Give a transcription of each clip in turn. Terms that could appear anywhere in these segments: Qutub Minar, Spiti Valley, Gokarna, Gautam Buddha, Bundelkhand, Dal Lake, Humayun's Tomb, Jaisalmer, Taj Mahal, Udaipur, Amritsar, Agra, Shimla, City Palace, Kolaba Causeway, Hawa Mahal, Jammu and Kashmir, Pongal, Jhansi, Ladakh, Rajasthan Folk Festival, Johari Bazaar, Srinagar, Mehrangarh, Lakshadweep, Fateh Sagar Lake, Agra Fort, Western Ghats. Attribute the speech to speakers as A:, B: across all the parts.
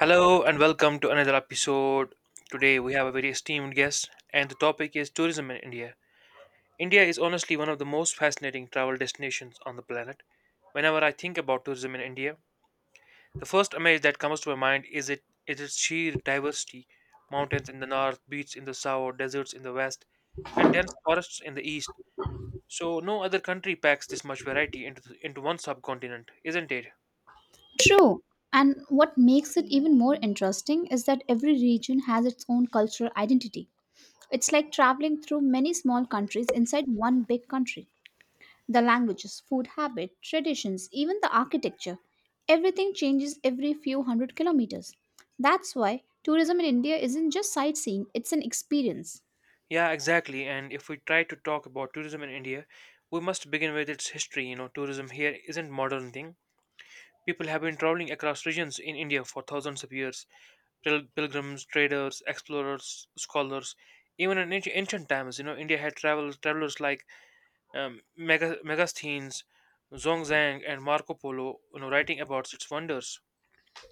A: Hello and welcome to another episode. Today we have a very esteemed guest, and the topic is tourism in India. India is honestly one of the most fascinating travel destinations on the planet. Whenever I think about tourism in India, the first image that comes to my mind is it is its sheer diversity: mountains in the north, beaches in the south, deserts in the west, and dense forests in the east. So no other country packs this much variety into one subcontinent, isn't it?
B: True. And what makes it even more interesting is that every region has its own cultural identity. It's like traveling through many small countries inside one big country. The languages, food habit, traditions, even the architecture, everything changes every few hundred kilometers. That's why tourism in India isn't just sightseeing, it's an experience.
A: Yeah, exactly. And if we try to talk about tourism in India, we must begin with its history. You know, tourism here isn't modern thing. People have been traveling across regions in India for thousands of years. Pilgrims, traders, explorers, scholars. Even in ancient times, you know, India had travelers like Megasthenes, Zongzang, and Marco Polo, writing about its wonders.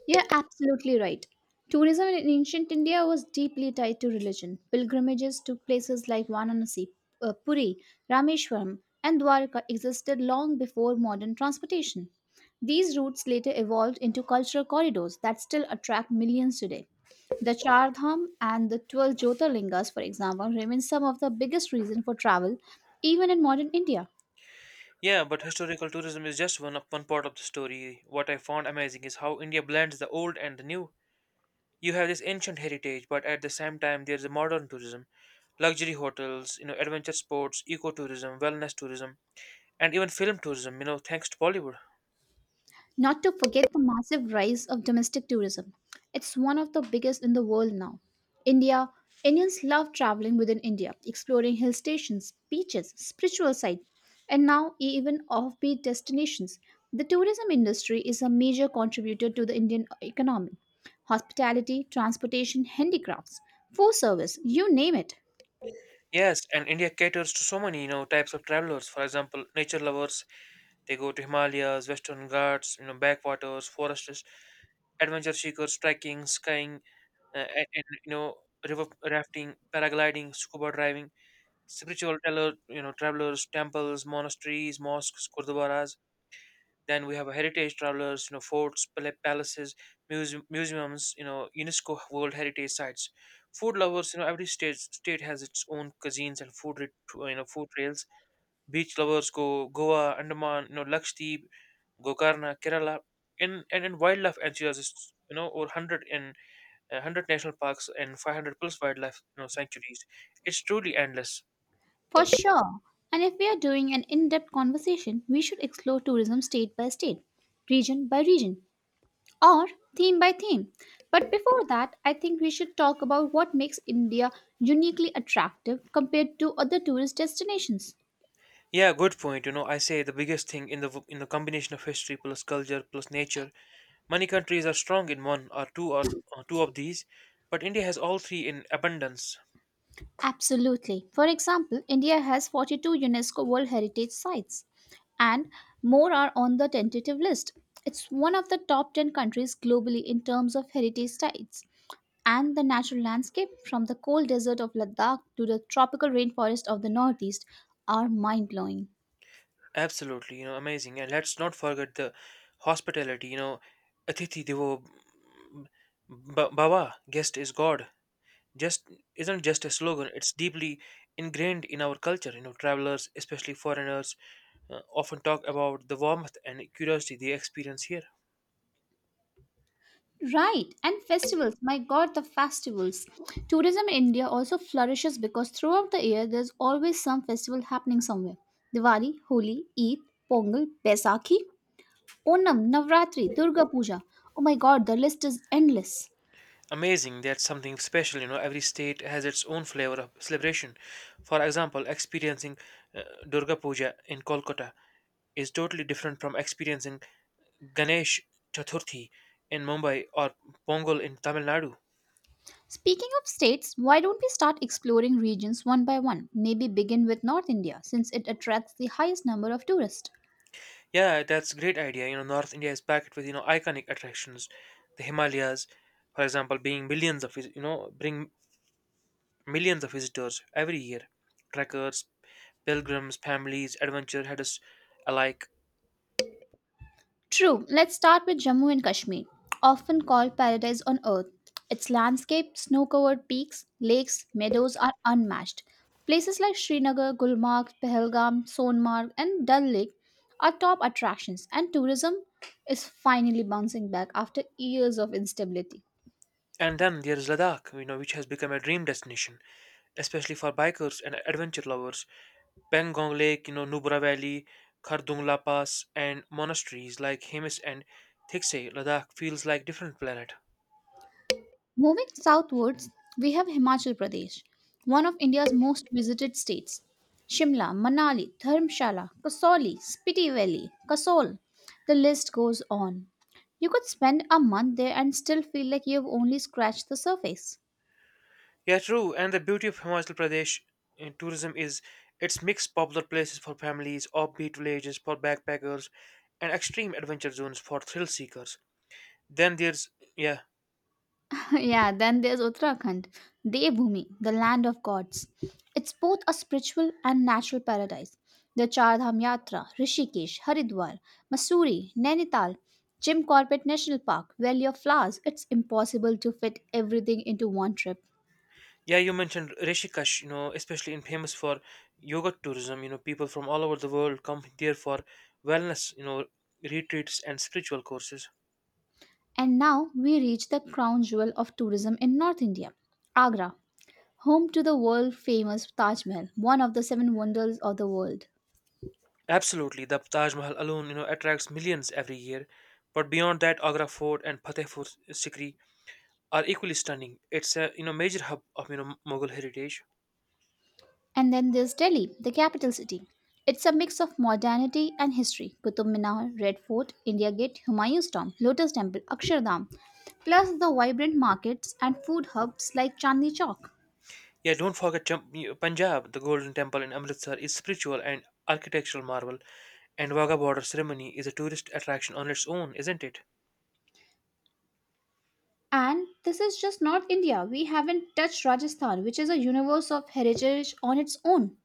B: You're absolutely right. Tourism in ancient India was deeply tied to religion. Pilgrimages to places like Varanasi, Puri, Rameshwaram, and Dwarka existed long before modern transportation. These routes later evolved into cultural corridors that still attract millions today. The Char Dham and the 12 Jyotirlingas, for example, remain some of the biggest reasons for travel even in modern India.
A: Yeah, but historical tourism is just one part of the story. What I found amazing is how India blends the old and the new. You have this ancient heritage, but at the same time, there's a modern tourism, luxury hotels, you know, adventure sports, ecotourism, wellness tourism, and even film tourism, you know, thanks to Bollywood.
B: Not to forget the massive rise of domestic tourism. It's one of the biggest in the world now. India Indians love traveling within India, exploring hill stations, beaches, spiritual sites, and now even offbeat destinations. The tourism industry is a major contributor to the Indian economy. Hospitality, transportation, handicrafts, food service, you name it.
A: Yes, and India caters to so many, you know, types of travelers. For example, nature lovers, they go to Himalayas, Western Ghats, you know, backwaters, forests, adventure seekers, trekking, skiing, you know, river rafting, paragliding, scuba diving, spiritual teller, you know, travelers, temples, monasteries, mosques, gurdwaras. Then we have heritage travelers, you know, forts, palaces, museums, you know, UNESCO World Heritage Sites. Food lovers, you know, every state has its own cuisines and food, you know, food trails. Beach lovers go Goa, Andaman, you know, Lakshadweep, Gokarna, Kerala, and wildlife enthusiasts, you know, over hundred and hundred national parks and 500 plus wildlife, you know, sanctuaries. It's truly endless.
B: For sure. And if we are doing an in depth conversation, we should explore tourism state by state, region by region, or theme by theme. But before that, I think we should talk about what makes India uniquely attractive compared to other tourist destinations.
A: Yeah, good point. You know, I say the biggest thing in the in the combination of history plus culture plus nature. Many countries are strong in one or or, two of these, but India has all three in abundance.
B: Absolutely. For example, India has 42 UNESCO World Heritage Sites, and more are on the tentative list. It's one of the top 10 countries globally in terms of heritage sites. And the natural landscape, from the cold desert of Ladakh to the tropical rainforest of the Northeast, are mind blowing.
A: Absolutely, you know, amazing. And let's not forget the hospitality. You know, Atithi Devo Baba, guest is God. Just isn't just a slogan. It's deeply ingrained in our culture. You know, travelers, especially foreigners, often talk about the warmth and curiosity they experience here.
B: Right, and festivals. My god, the festivals. Tourism in India also flourishes because throughout the year there's always some festival happening somewhere. Diwali, Holi, Eid, Pongal, Baisakhi, Onam, Navratri, Durga Puja. Oh my god, the list is endless.
A: Amazing. That's something special. You know, every state has its own flavor of celebration. For example, experiencing uh, Durga Puja in Kolkata is totally different from experiencing Ganesh Chaturthi in Mumbai or Pongal in Tamil Nadu.
B: Speaking of states, why don't we start exploring regions one by one? Maybe begin with North India since it attracts the highest number of tourists.
A: Yeah, that's great idea. You know, North India is packed with you know iconic attractions, the Himalayas, for example, being millions of vis- you know bring millions of visitors every year. Trekkers, pilgrims, families, adventure headers alike.
B: True, let's start with Jammu and Kashmir, often called paradise on earth. Its landscape, snow covered peaks, lakes, meadows are unmatched. Places like Srinagar, Gulmarg, Pahalgam, Sonmarg, and Dal Lake are top attractions, and tourism is finally bouncing back after years of instability.
A: And then there is Ladakh, you know, which has become a dream destination, especially for bikers and adventure lovers. Pangong Lake, you know, Nubra Valley, Khardungla Pass, and monasteries like Hemis and Thikse, Ladakh feels like different planet.
B: Moving southwards, we have Himachal Pradesh, one of India's most visited states. Shimla, Manali, Dharamshala, Kasauli, Spiti Valley, Kasol. The list goes on. You could spend a month there and still feel like you've only scratched the surface.
A: Yeah, true. And the beauty of Himachal Pradesh in tourism is its mixed popular places for families, offbeat villages for backpackers, and extreme adventure zones for thrill seekers. Then there's yeah,
B: Yeah, then there's Uttarakhand, Devbhumi, the land of gods. It's both a spiritual and natural paradise. The Char Dham Yatra, Rishikesh, Haridwar, Masuri, Nainital, Jim Corbett National Park, Valley of Flowers. It's impossible to fit everything into one trip.
A: Yeah, you mentioned Rishikesh, you know, especially in famous for yoga tourism. You know, people from all over the world come there for wellness, you know, retreats and spiritual courses.
B: And now we reach the crown jewel of tourism in North India, Agra, home to the world famous Taj Mahal, one of the seven wonders of the world.
A: Absolutely, the Taj Mahal alone, you know, attracts millions every year. But beyond that, Agra Fort and Fatehpur Sikri are equally stunning. It's a you know major hub of you know Mughal heritage.
B: And then there's Delhi, the capital city. It's a mix of modernity and history. Qutub Minar, Red Fort, India Gate, Humayun's Tomb, Lotus Temple, Akshardham, plus the vibrant markets and food hubs like Chandni Chowk.
A: Yeah, don't forget Punjab. The Golden Temple in Amritsar is spiritual and architectural marvel, and Wagah border ceremony is a tourist attraction on its own, isn't it?
B: And this is just North India. We haven't touched Rajasthan, which is a universe of heritage on its own.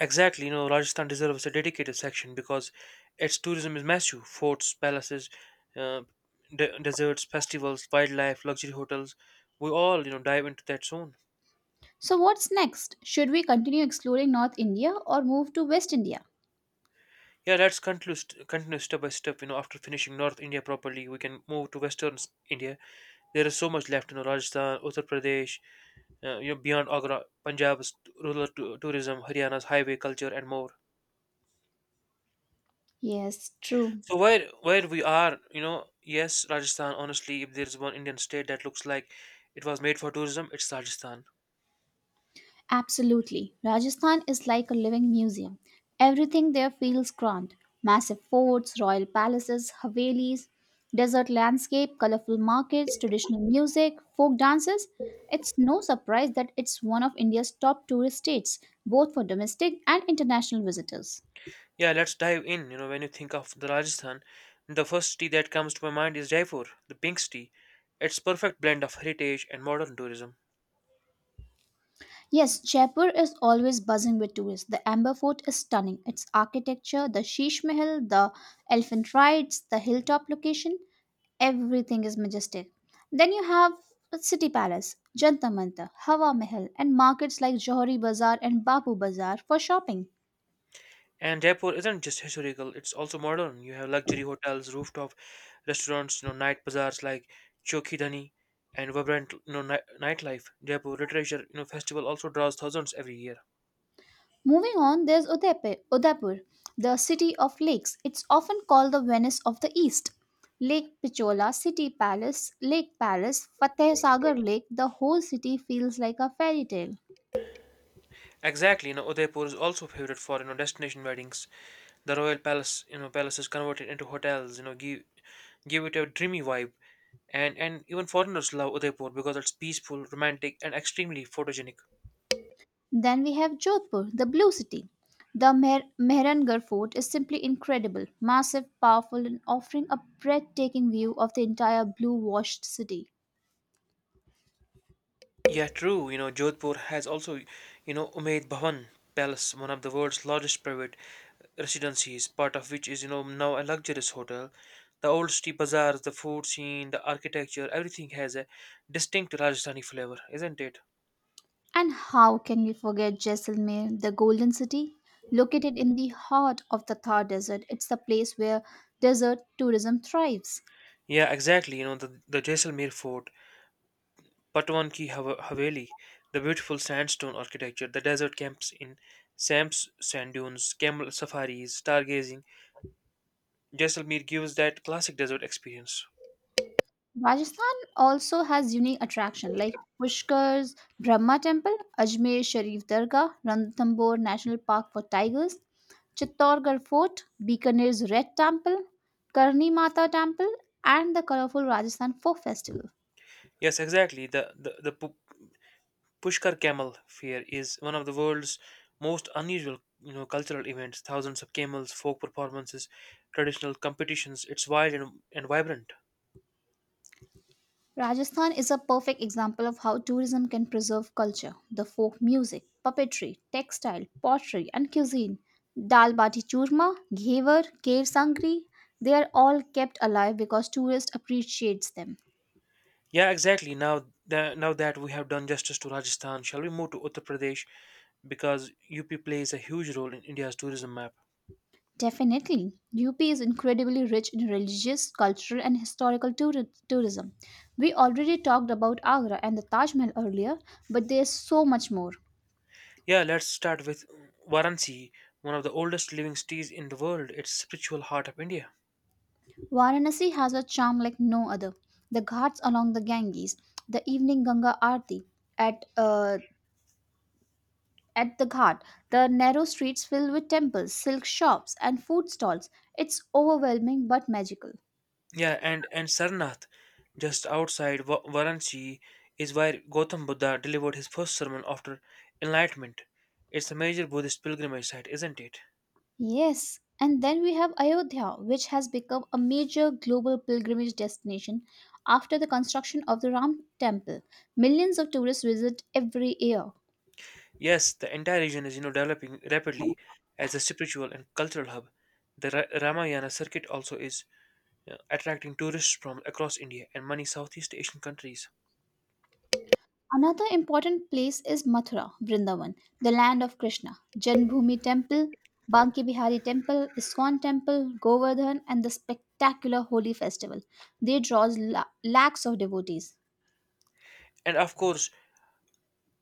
A: Exactly, you know, Rajasthan deserves a dedicated section because its tourism is massive. Forts, palaces, uh, deserts, festivals, wildlife, luxury hotels. We all, you know, dive into that zone.
B: So, what's next? Should we continue exploring North India or move to West India?
A: Yeah, let's continue, continue step by step. You know, after finishing North India properly, we can move to Western India. There is so much left. You know, Rajasthan, Uttar Pradesh, you know, beyond Agra, Punjab's rural tourism, Haryana's highway culture, and more.
B: Yes, true.
A: So where we are, you know, yes, Rajasthan. Honestly, if there's one Indian state that looks like it was made for tourism, it's Rajasthan.
B: Absolutely. Rajasthan is like a living museum. Everything there feels grand massive forts, royal palaces, havelis, desert landscape, colorful markets, traditional music, folk dances. It's no surprise that it's one of India's top tourist states, both for domestic and international visitors.
A: Yeah, let's dive in. You know, when you think of the Rajasthan, the first city that comes to my mind is Jaipur, the pink city. It's perfect blend of heritage and modern tourism.
B: Yes, Jaipur is always buzzing with tourists. The Amber Fort is stunning. Its architecture, the Sheesh Mahal, the elephant rides, the hilltop location, everything is majestic. Then you have City Palace, Jantar Mantar, Hawa Mahal, and markets like Johari Bazaar and Bapu Bazaar for shopping.
A: And Jaipur isn't just historical; it's also modern. You have luxury hotels, rooftop restaurants, you know, night bazaars like Chowki Dhani, and vibrant, you know, nightlife. Jaipur Literature, you know, festival also draws thousands every year.
B: Moving on, there's Udaipur, the city of lakes. It's often called the Venice of the East. Lake Pichola, City Palace, Lake Palace, Fateh Sagar Lake, the whole city feels like a fairy tale.
A: Exactly, you know, Udaipur is also favorite for you know destination weddings. The royal palace, palace is converted into hotels. You know, give it a dreamy vibe, and even foreigners love Udaipur because it's peaceful, romantic, and extremely photogenic.
B: Then we have Jodhpur, the blue city. The Mehrangarh fort is simply incredible, massive, powerful, and offering a breathtaking view of the entire blue washed city.
A: Yeah, true. You know, Jodhpur has also, you know, Umaid Bhawan Palace, one of the world's largest private residencies, part of which is you know now a luxurious hotel. The old city bazaars, the food scene, the architecture, everything has a distinct Rajasthani flavor, isn't it?
B: And how can we forget Jaisalmer, the golden city? Located in the heart of the Thar Desert, it's the place where desert tourism thrives.
A: Yeah, exactly. You know, the Jaisalmer fort, Haveli, the beautiful sandstone architecture, the desert camps in Sam's sand dunes, camel safaris, stargazing. Jaisalmer gives that classic desert experience.
B: Rajasthan also has unique attraction like Pushkar's Brahma Temple, Ajmer Sharif Dargah, Ranthambore National Park for tigers, Chittorgarh Fort, Bikaner's Red Temple, Karni Mata Temple, and the colorful Rajasthan Folk Festival.
A: Yes, exactly. Pushkar camel fair is one of the world's most unusual you know, cultural events. Thousands of camels, folk performances, traditional competitions. It's wild and vibrant.
B: Rajasthan is a perfect example of how tourism can preserve culture. The folk music, puppetry, textile, pottery, and cuisine, dal bati churma, ghevar, cave sangri, they are all kept alive because tourists appreciates them.
A: Yeah, exactly. Now that we have done justice to Rajasthan, shall we move to Uttar Pradesh? Because UP plays a huge role in India's tourism map.
B: Definitely, UP is incredibly rich in religious, cultural, and historical tourism. We already talked about Agra and the Taj Mahal earlier, but there's so much more.
A: Yeah, let's start with Varanasi, one of the oldest living cities in the world. It's spiritual heart of India.
B: Varanasi has a charm like no other. The ghats along the Ganges, the evening Ganga Aarti at uh, at the ghat, the narrow streets filled with temples, silk shops, and food stalls. It's overwhelming but magical.
A: Yeah, and Sarnath, just outside Varanasi, is where Gautam Buddha delivered his first sermon after enlightenment. It's a major Buddhist pilgrimage site, isn't it?
B: Yes, and then we have Ayodhya, which has become a major global pilgrimage destination after the construction of the Ram Temple. Millions of tourists visit every year.
A: Yes, the entire region is you know developing rapidly as a spiritual and cultural hub. The Ramayana circuit also is attracting tourists from across India and many Southeast Asian countries.
B: Another important place is Mathura, Vrindavan, the land of Krishna. Janbhumi Temple, Banki Bihari Temple, Iskon Temple, Govardhan, and the spectacular Holi festival. They draws lakhs of devotees.
A: And of course,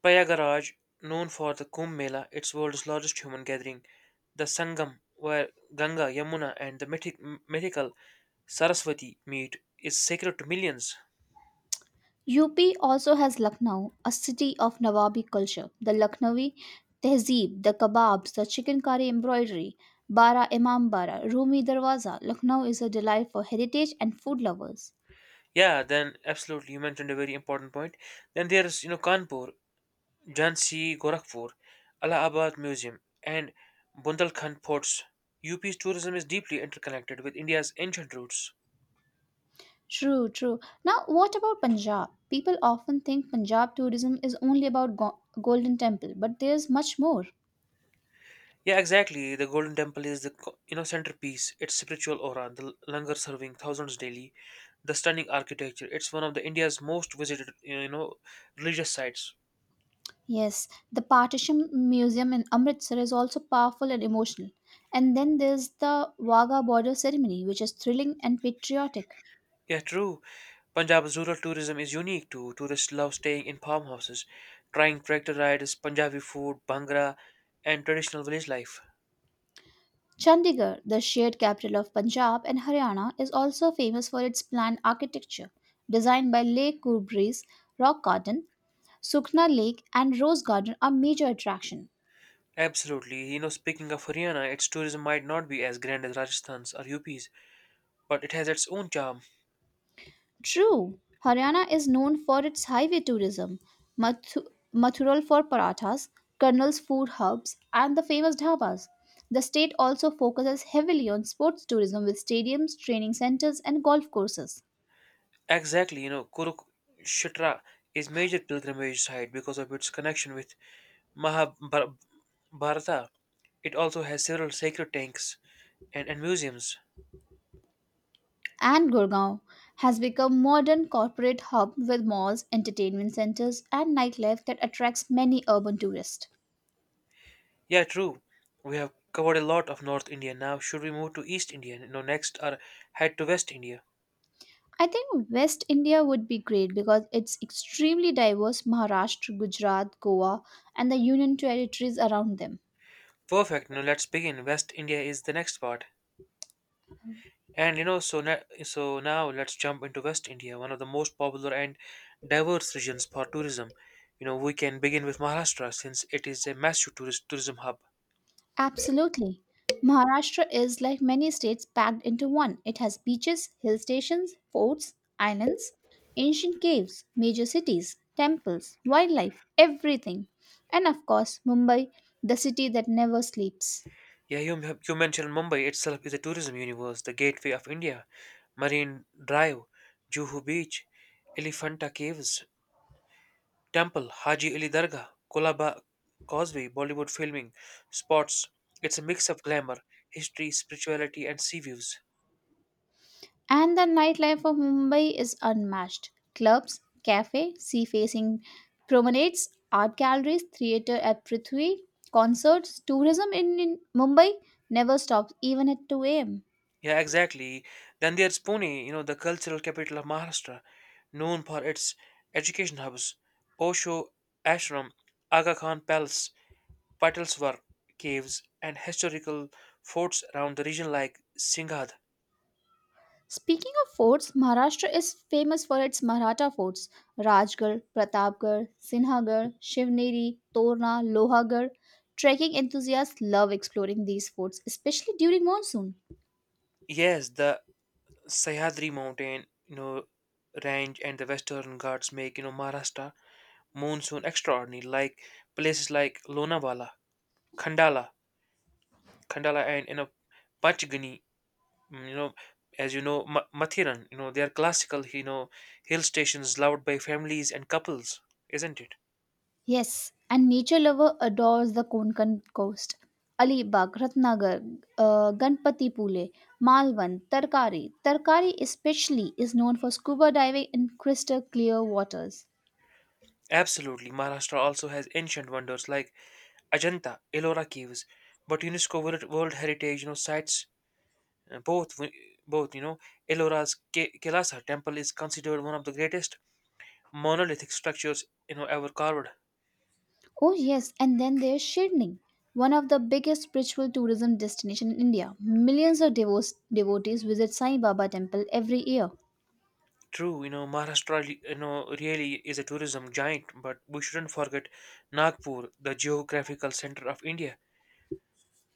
A: Prayagraj, known for the Kumbh Mela, its world's largest human gathering, the Sangam, where Ganga, Yamuna, and the mythical Saraswati meet, is sacred to millions.
B: UP also has Lucknow, a city of Nawabi culture. The Lucknowi tehzeeb, the kebabs, the chicken curry embroidery, Bara Imam Bara, Rumi Darwaza. Lucknow is a delight for heritage and food lovers.
A: Yeah, then absolutely, you mentioned a very important point. Then there is you know Kanpur, Jhansi, Gorakhpur, Allahabad Museum, and Bundelkhand ports. UP's tourism is deeply interconnected with India's ancient roots.
B: True, true. Now, what about Punjab? People often think Punjab tourism is only about Golden Temple, but there's much more.
A: Yeah, exactly. The Golden Temple is the you know centerpiece. Its spiritual aura, the langar serving thousands daily, the stunning architecture. It's one of the India's most visited you know religious sites.
B: Yes, the Partition Museum in Amritsar is also powerful and emotional. And then there's the Wagah border ceremony, which is thrilling and patriotic.
A: Yeah, true. Punjab's rural tourism is unique too. Tourists love staying in farmhouses, trying tractor rides, Punjabi food, bhangra, and traditional village life.
B: Chandigarh, the shared capital of Punjab and Haryana, is also famous for its planned architecture, designed by Lake Kurbreeze, Rock Garden, Sukhna Lake, and Rose Garden are major attraction.
A: Absolutely. You know, speaking of Haryana, its tourism might not be as grand as Rajasthan's or UP's, but it has its own charm.
B: True, Haryana is known for its highway tourism, Mathu- Mathural for parathas, Karnal's food hubs, and the famous dhabas. The state also focuses heavily on sports tourism with stadiums, training centers, and golf courses.
A: Exactly. You know, Kurukshetra is major pilgrimage site because of its connection with Mahabharata. It also has several sacred tanks and museums.
B: And Gurgaon has become modern corporate hub with malls, entertainment centers, and nightlife that attracts many urban tourists.
A: Yeah, true. We have covered a lot of North India now. Should we move to East India? No, next or head to West India?
B: I think West India would be great because it's extremely diverse Maharashtra, Gujarat, Goa, and the union territories around them.
A: Perfect. Now let's begin. West India is the next part. And you know, so now let's jump into West India, one of the most popular and diverse regions for tourism. You know, we can begin with Maharashtra since it is a massive tourist tourism hub.
B: Absolutely. Maharashtra is like many states packed into one. It has beaches, hill stations, forts, islands, ancient caves, major cities, temples, wildlife, everything. And of course, Mumbai, the city that never sleeps.
A: Yeah, you mentioned Mumbai itself is a tourism universe, the gateway of India. Marine Drive, Juhu Beach, Elephanta Caves, Temple, Haji Ali Dargah, Kolaba Causeway, Bollywood filming, sports. It's a mix of glamour, history, spirituality, and sea views.
B: And the nightlife of Mumbai is unmatched. Clubs, cafe, sea-facing promenades, art galleries, theatre at Prithvi, concerts, tourism in Mumbai never stops even at 2 a.m.
A: Yeah, exactly. Then there's Pune, you know, the cultural capital of Maharashtra, known for its education hubs, Osho Ashram, Aga Khan Palace, Patalswar caves, and historical forts around the region like Singhad.
B: Speaking of forts, Maharashtra is famous for its Maratha forts. Rajgarh, Pratapgarh, Sinhagarh, Shivneri, Torna, Lohagarh. Trekking enthusiasts love exploring these forts, especially during monsoon.
A: Yes, the Sahyadri mountain, you know, range and the Western Ghats make, you know, Maharashtra monsoon extraordinary, like places like Lonavala, Khandala, Khandala and, you know, Panchgani. You know, as you know, Mathiran, you know, they are classical, you know, hill stations loved by families and couples, isn't it?
B: Yes, and nature lover adores the Konkan coast. Alibag, Ratnagar, Ganpati Pule, Malvan, Tarkari. Tarkari especially is known for scuba diving in crystal clear waters.
A: Absolutely. Maharashtra also has ancient wonders like Ajanta, Ellora caves, but World Heritage, you know, sites uh, both, wi- both, you know, Ellora's Kelasa temple is considered one of the greatest monolithic structures, you know, ever carved.
B: Oh yes, and then there's Shirning, one of the biggest spiritual tourism destination in India. Millions of devotes, devotees visit Sai Baba temple every year.
A: True, Maharashtra, really is a tourism giant, but we shouldn't forget Nagpur, the geographical center of India.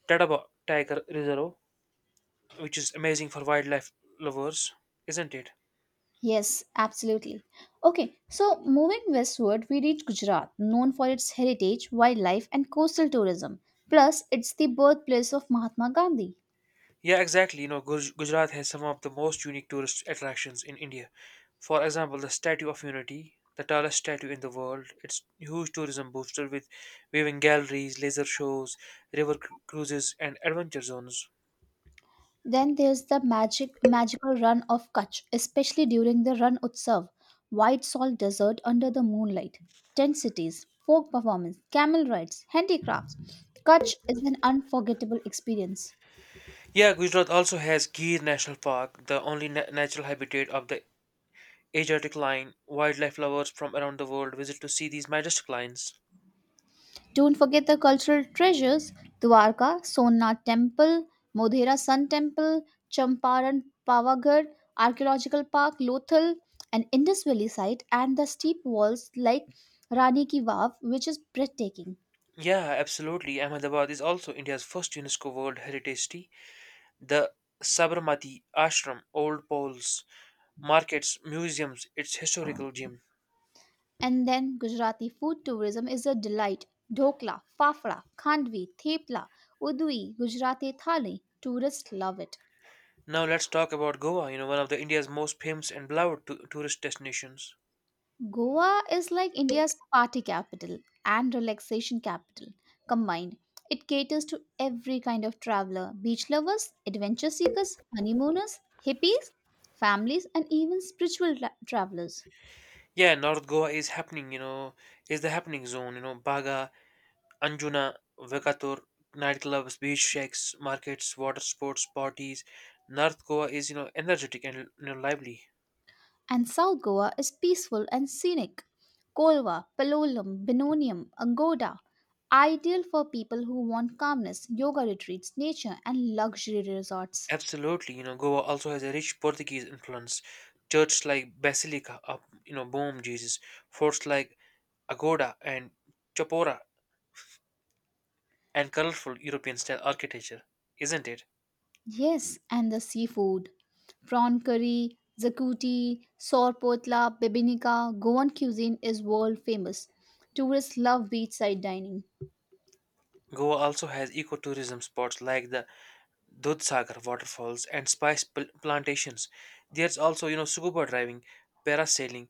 A: Tadaba Tiger Reserve, which is amazing for wildlife lovers, isn't it?
B: Yes, absolutely. Okay, so moving westward, we reach Gujarat, known for its heritage, wildlife, and coastal tourism. Plus, it's the birthplace of Mahatma Gandhi.
A: Yeah, exactly. Gujarat has some of the most unique tourist attractions in India. For example, the Statue of Unity, the tallest statue in the world. It's huge tourism booster with viewing galleries, laser shows, cruises, and adventure zones.
B: Then there's the magic magical run of Kutch, especially during the Ran Utsav, white salt desert under the moonlight, tent cities, folk performance, camel rides, handicrafts. Kutch is an unforgettable experience.
A: Yeah, Gujarat also has Gir National Park, the only natural habitat of the Asiatic lion. Wildlife lovers from around the world visit to see these majestic lions.
B: Don't forget the cultural treasures Dwarka, Somnath Temple, Modhera Sun Temple, Champaran Pavagadh Archaeological Park, Lothal, an Indus Valley site, and the steep walls like Rani Ki Vav, which is breathtaking.
A: Yeah, absolutely. Ahmedabad is also India's first UNESCO World Heritage City. The Sabarmati Ashram, old polls, markets, museums, its historical gem.
B: And then Gujarati food tourism is a delight. Dhokla, fafda, khandvi, thepla, udui, Gujarati thali. Tourists love it.
A: Now let's talk about Goa, one of the India's most famous and beloved tourist destinations.
B: Goa is like India's party capital and relaxation capital combined. It caters to every kind of traveler beach lovers, adventure seekers, honeymooners, hippies, families, and even spiritual travelers.
A: Yeah, North Goa is happening, you know, is the happening zone, Baga, Anjuna, Vekatur, nightclubs, beach shacks, markets, water sports, parties. North Goa is, energetic and lively.
B: And South Goa is peaceful and scenic. Kolva, Palolem, Benonium, Angoda, ideal for people who want calmness, yoga retreats, nature, and luxury resorts.
A: Absolutely, Goa also has a rich Portuguese influence. Churches like Basilica of, Bom Jesus, forts like Agoda and Chapora, and colorful European style architecture, isn't it?
B: Yes, and the seafood. Prawn curry, zakuti, sorpotla, bebinica, Goan cuisine is world famous. Tourists love beachside dining.
A: Goa also has ecotourism spots like the Dudhsagar waterfalls and plantations. There's also, scuba diving, parasailing,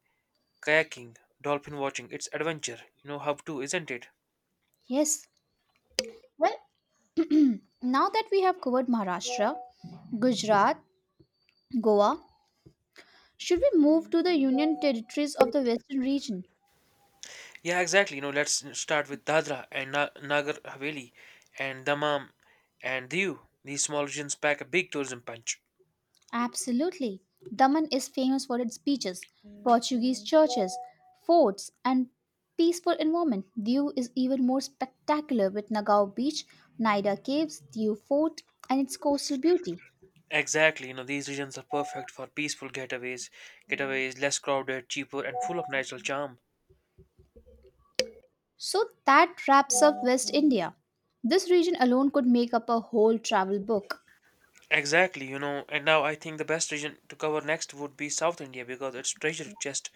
A: kayaking, dolphin watching. It's adventure, how to, isn't it?
B: Yes. Well, now that we have covered Maharashtra, Gujarat, Goa, should we move to the Union Territories of the Western region?
A: Yeah, exactly. Let's start with Dadra and Nagar Haveli and Damam and Diu. These small regions pack a big tourism punch.
B: Absolutely. Daman is famous for its beaches, Portuguese churches, forts, and peaceful environment. Diu is even more spectacular with Nagao Beach, Nida Caves, Diu Fort, and its coastal beauty.
A: Exactly. These regions are perfect for peaceful getaways, getaways less crowded, cheaper, and full of natural charm.
B: So that wraps up West India. This region alone could make up a whole travel book.
A: Exactly. And now I think the best region to cover next would be South India because it's treasure chest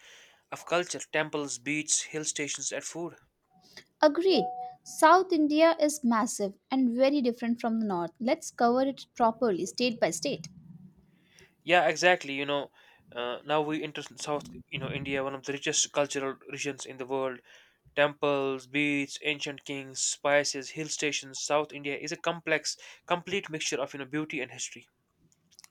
A: of culture, temples, beaches, hill stations, and food.
B: Agreed. South India is massive and very different from the north. Let's cover it properly, state by state.
A: Yeah, exactly. Now we enter South India, one of the richest cultural regions in the world. Temples, beaches, ancient kings, spices, hill stations. South India is a complete mixture of beauty and history.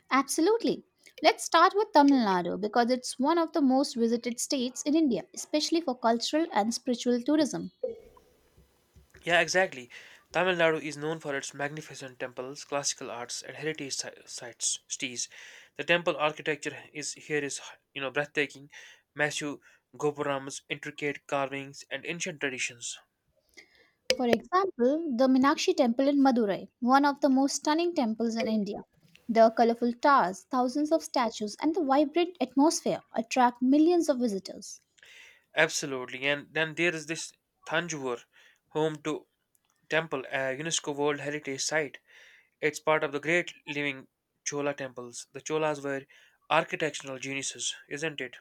B: Absolutely. Let's start with Tamil Nadu because it's one of the most visited states in India, especially for cultural and spiritual tourism.
A: Yeah, exactly. Tamil Nadu is known for its magnificent temples, classical arts, and heritage sites. Cities. The temple architecture is here is breathtaking, massive gopurams, intricate carvings, and ancient traditions.
B: For example, the Minakshi Temple in Madurai, one of the most stunning temples in India. The colorful towers, thousands of statues, and the vibrant atmosphere attract millions of visitors.
A: Absolutely, and then there is this Thanjavur, home to temple, a UNESCO World Heritage Site. It's part of the great living Chola temples. The Cholas were architectural geniuses, isn't it?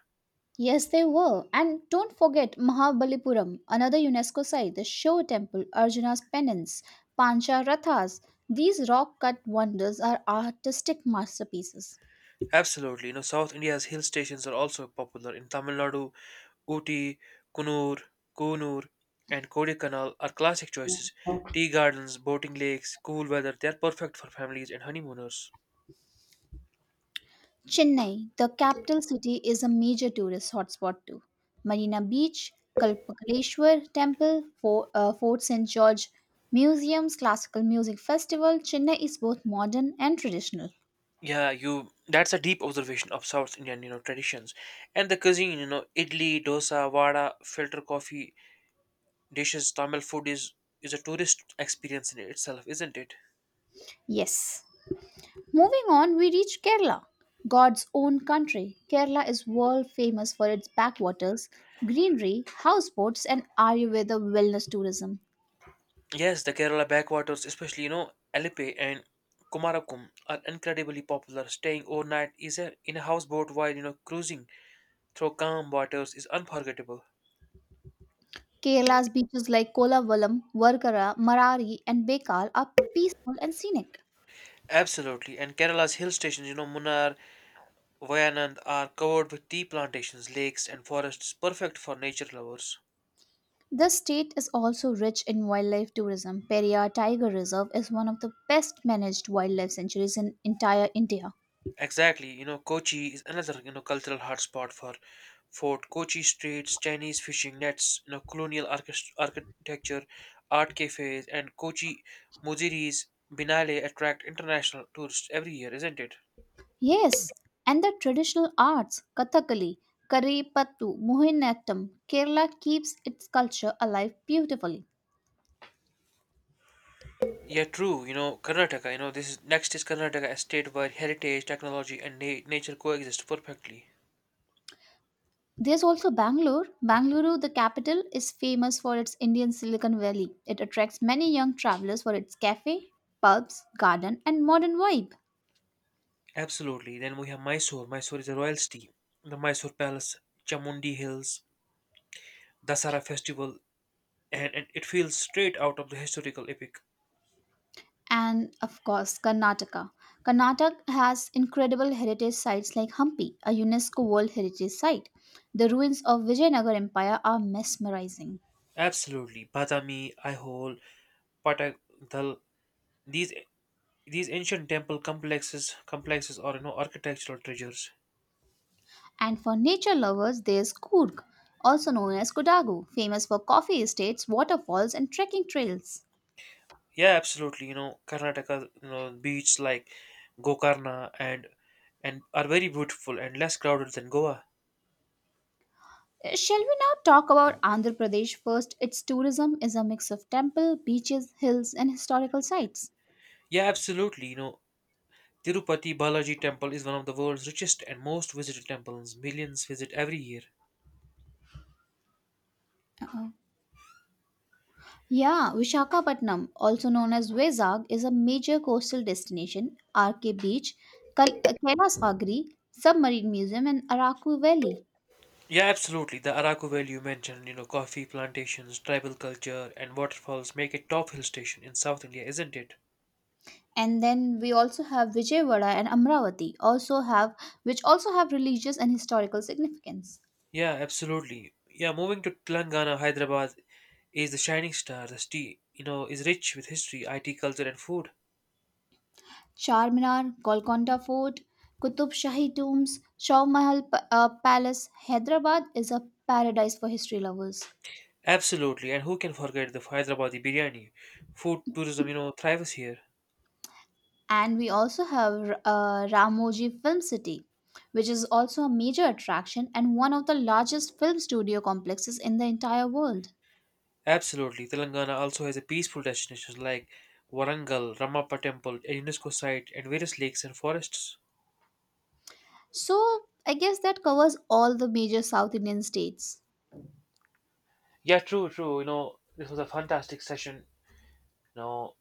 B: Yes, they were. And don't forget Mahabalipuram, another UNESCO site, the Shiv temple, Arjuna's penance, Pancha Rathas. These rock cut wonders are artistic masterpieces.
A: Absolutely. South India's hill stations are also popular. In Tamil Nadu, Ooty, Kunur, Kunur, and Kodaikanal are classic choices. Tea gardens, boating lakes, cool weather, they are perfect for families and honeymooners.
B: Chennai, the capital city, is a major tourist hotspot too. Marina Beach, Kalpakaleshwar Temple, Fort St. George Museums, Classical Music Festival. Chennai is both modern and traditional.
A: Yeah, you that's a deep observation of South Indian, traditions and the cuisine, idli, dosa, vada, filter coffee dishes, Tamil food is a tourist experience in itself, isn't it?
B: Yes. Moving on, we reach Kerala, God's own country. Kerala is world famous for its backwaters, greenery, houseboats, and Ayurveda wellness tourism.
A: Yes, the Kerala backwaters, especially, Alipe and Kumarakum are incredibly popular. Staying overnight in a houseboat while, cruising through calm waters is unforgettable.
B: Kerala's beaches like Kolavalam, Varkara, Marari, and Bekal are peaceful and scenic.
A: Absolutely. And Kerala's hill stations, Munnar, Wayanad are covered with tea plantations, lakes, and forests perfect for nature lovers.
B: The state is also rich in wildlife tourism. Periyar Tiger Reserve is one of the best managed wildlife sanctuaries in entire India.
A: Exactly, Kochi is another, cultural hotspot for Fort Kochi streets, Chinese fishing nets, colonial architecture, art cafes, and Kochi Muziris Binale attract international tourists every year, isn't it?
B: Yes, and the traditional arts, Kathakali, Karipattu, Mohiniyattam, Kerala keeps its culture alive beautifully.
A: Yeah, true. This is next is Karnataka, a state where heritage, technology, and nature coexist perfectly.
B: There's also Bangalore. Bangalore, the capital, is famous for its Indian Silicon Valley. It attracts many young travelers for its cafe, pubs, garden, and modern vibe.
A: Absolutely. Then we have Mysore. Mysore is a royal city. The Mysore Palace, Chamundi Hills, Dasara Festival, and it feels straight out of the historical epic.
B: And of course, Karnataka. Karnataka has incredible heritage sites like Hampi, a UNESCO World Heritage Site. The ruins of Vijayanagar Empire are mesmerizing.
A: Absolutely. Badami, Aihole, Patadal, these these ancient temple complexes or architectural treasures.
B: And for nature lovers, there's Coorg, also known as Kodagu, famous for coffee estates, waterfalls, and trekking trails.
A: Yeah, absolutely. Beaches like Gokarna and are very beautiful and less crowded than Goa.
B: Shall we now talk about Andhra Pradesh first? Its tourism is a mix of temple, beaches, hills, and historical sites.
A: Yeah, absolutely. Tirupati Balaji Temple is one of the world's richest and most visited temples. Millions visit every year.
B: Uh-oh. Yeah, Vishakhapatnam, also known as Vizag, is a major coastal destination. RK Beach, Kailasagri, Submarine Museum, and Araku Valley.
A: Yeah, absolutely. The Araku Valley you mentioned, coffee plantations, tribal culture, and waterfalls make it top hill station in South India, isn't it?
B: And then we also have Vijayawada and Amravati also have which also have religious and historical significance.
A: Yeah, absolutely. Yeah, moving to Telangana, Hyderabad is the shining star. The city, is rich with history, IT, culture, and food.
B: Charminar, Golconda Fort, Qutub Shahi tombs, Shaw Mahal Palace, Hyderabad is a paradise for history lovers.
A: Absolutely, and who can forget the Hyderabadi biryani? Food tourism, thrives here.
B: And we also have Ramoji Film City, which is also a major attraction and one of the largest film studio complexes in the entire world.
A: Absolutely. Telangana also has a peaceful destinations like Warangal, Ramappa Temple, a UNESCO site, and various lakes and forests.
B: So I guess that covers all the major South Indian states.
A: Yeah, true. This was a fantastic session. You know,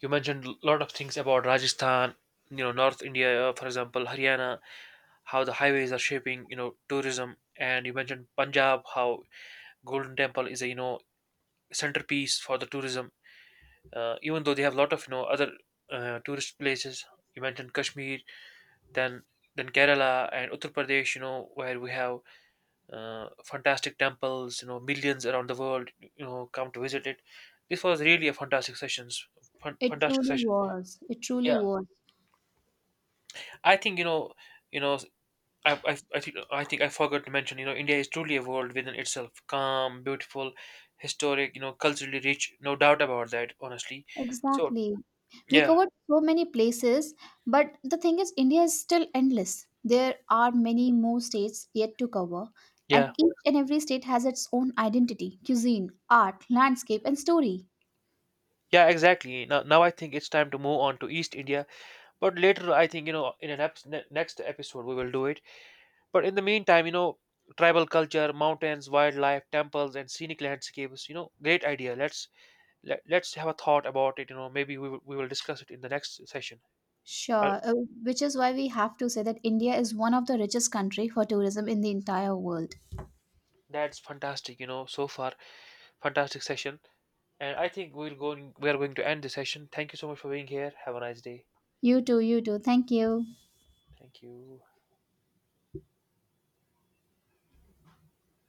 A: you mentioned a lot of things about Rajasthan, North India, for example, Haryana, how the highways are shaping, tourism, and you mentioned Punjab, how Golden Temple is a centerpiece for the tourism. Even though they have a lot of other tourist places, you mentioned Kashmir than than Kerala and Uttar Pradesh, where we have fantastic temples, millions around the world, come to visit it. This was really a fantastic sessions,
B: It
A: fantastic
B: truly
A: session.
B: was. It truly
A: Yeah,
B: was.
A: I think you know, I think I think I forgot to mention, India is truly a world within itself, calm, beautiful, historic, culturally rich, no doubt about that, honestly. So
B: Exactly. We
A: yeah,
B: covered so many places, but the thing is, India is still endless. There are many more states yet to cover, and
A: yeah,
B: each and every state has its own identity, cuisine, art, landscape, and story.
A: yeah, exactly. Now I think it's time to move on to East India. But later, I think, in an eps ne next episode, we will do it. But in the meantime, tribal culture, mountains, wildlife, temples, and scenic landscapes, great idea. Let, let's have a thought about it. Maybe we will discuss it in the next session. Uh,
B: Sure, which is why we have to say that India is one of the richest country for tourism in the entire world.
A: that's fantastic, so far, fantastic session. And I think we'll go, we are going to end the session. Thank you so much for being here. Have a nice day.
B: You too, you too. Thank you.
A: Thank you.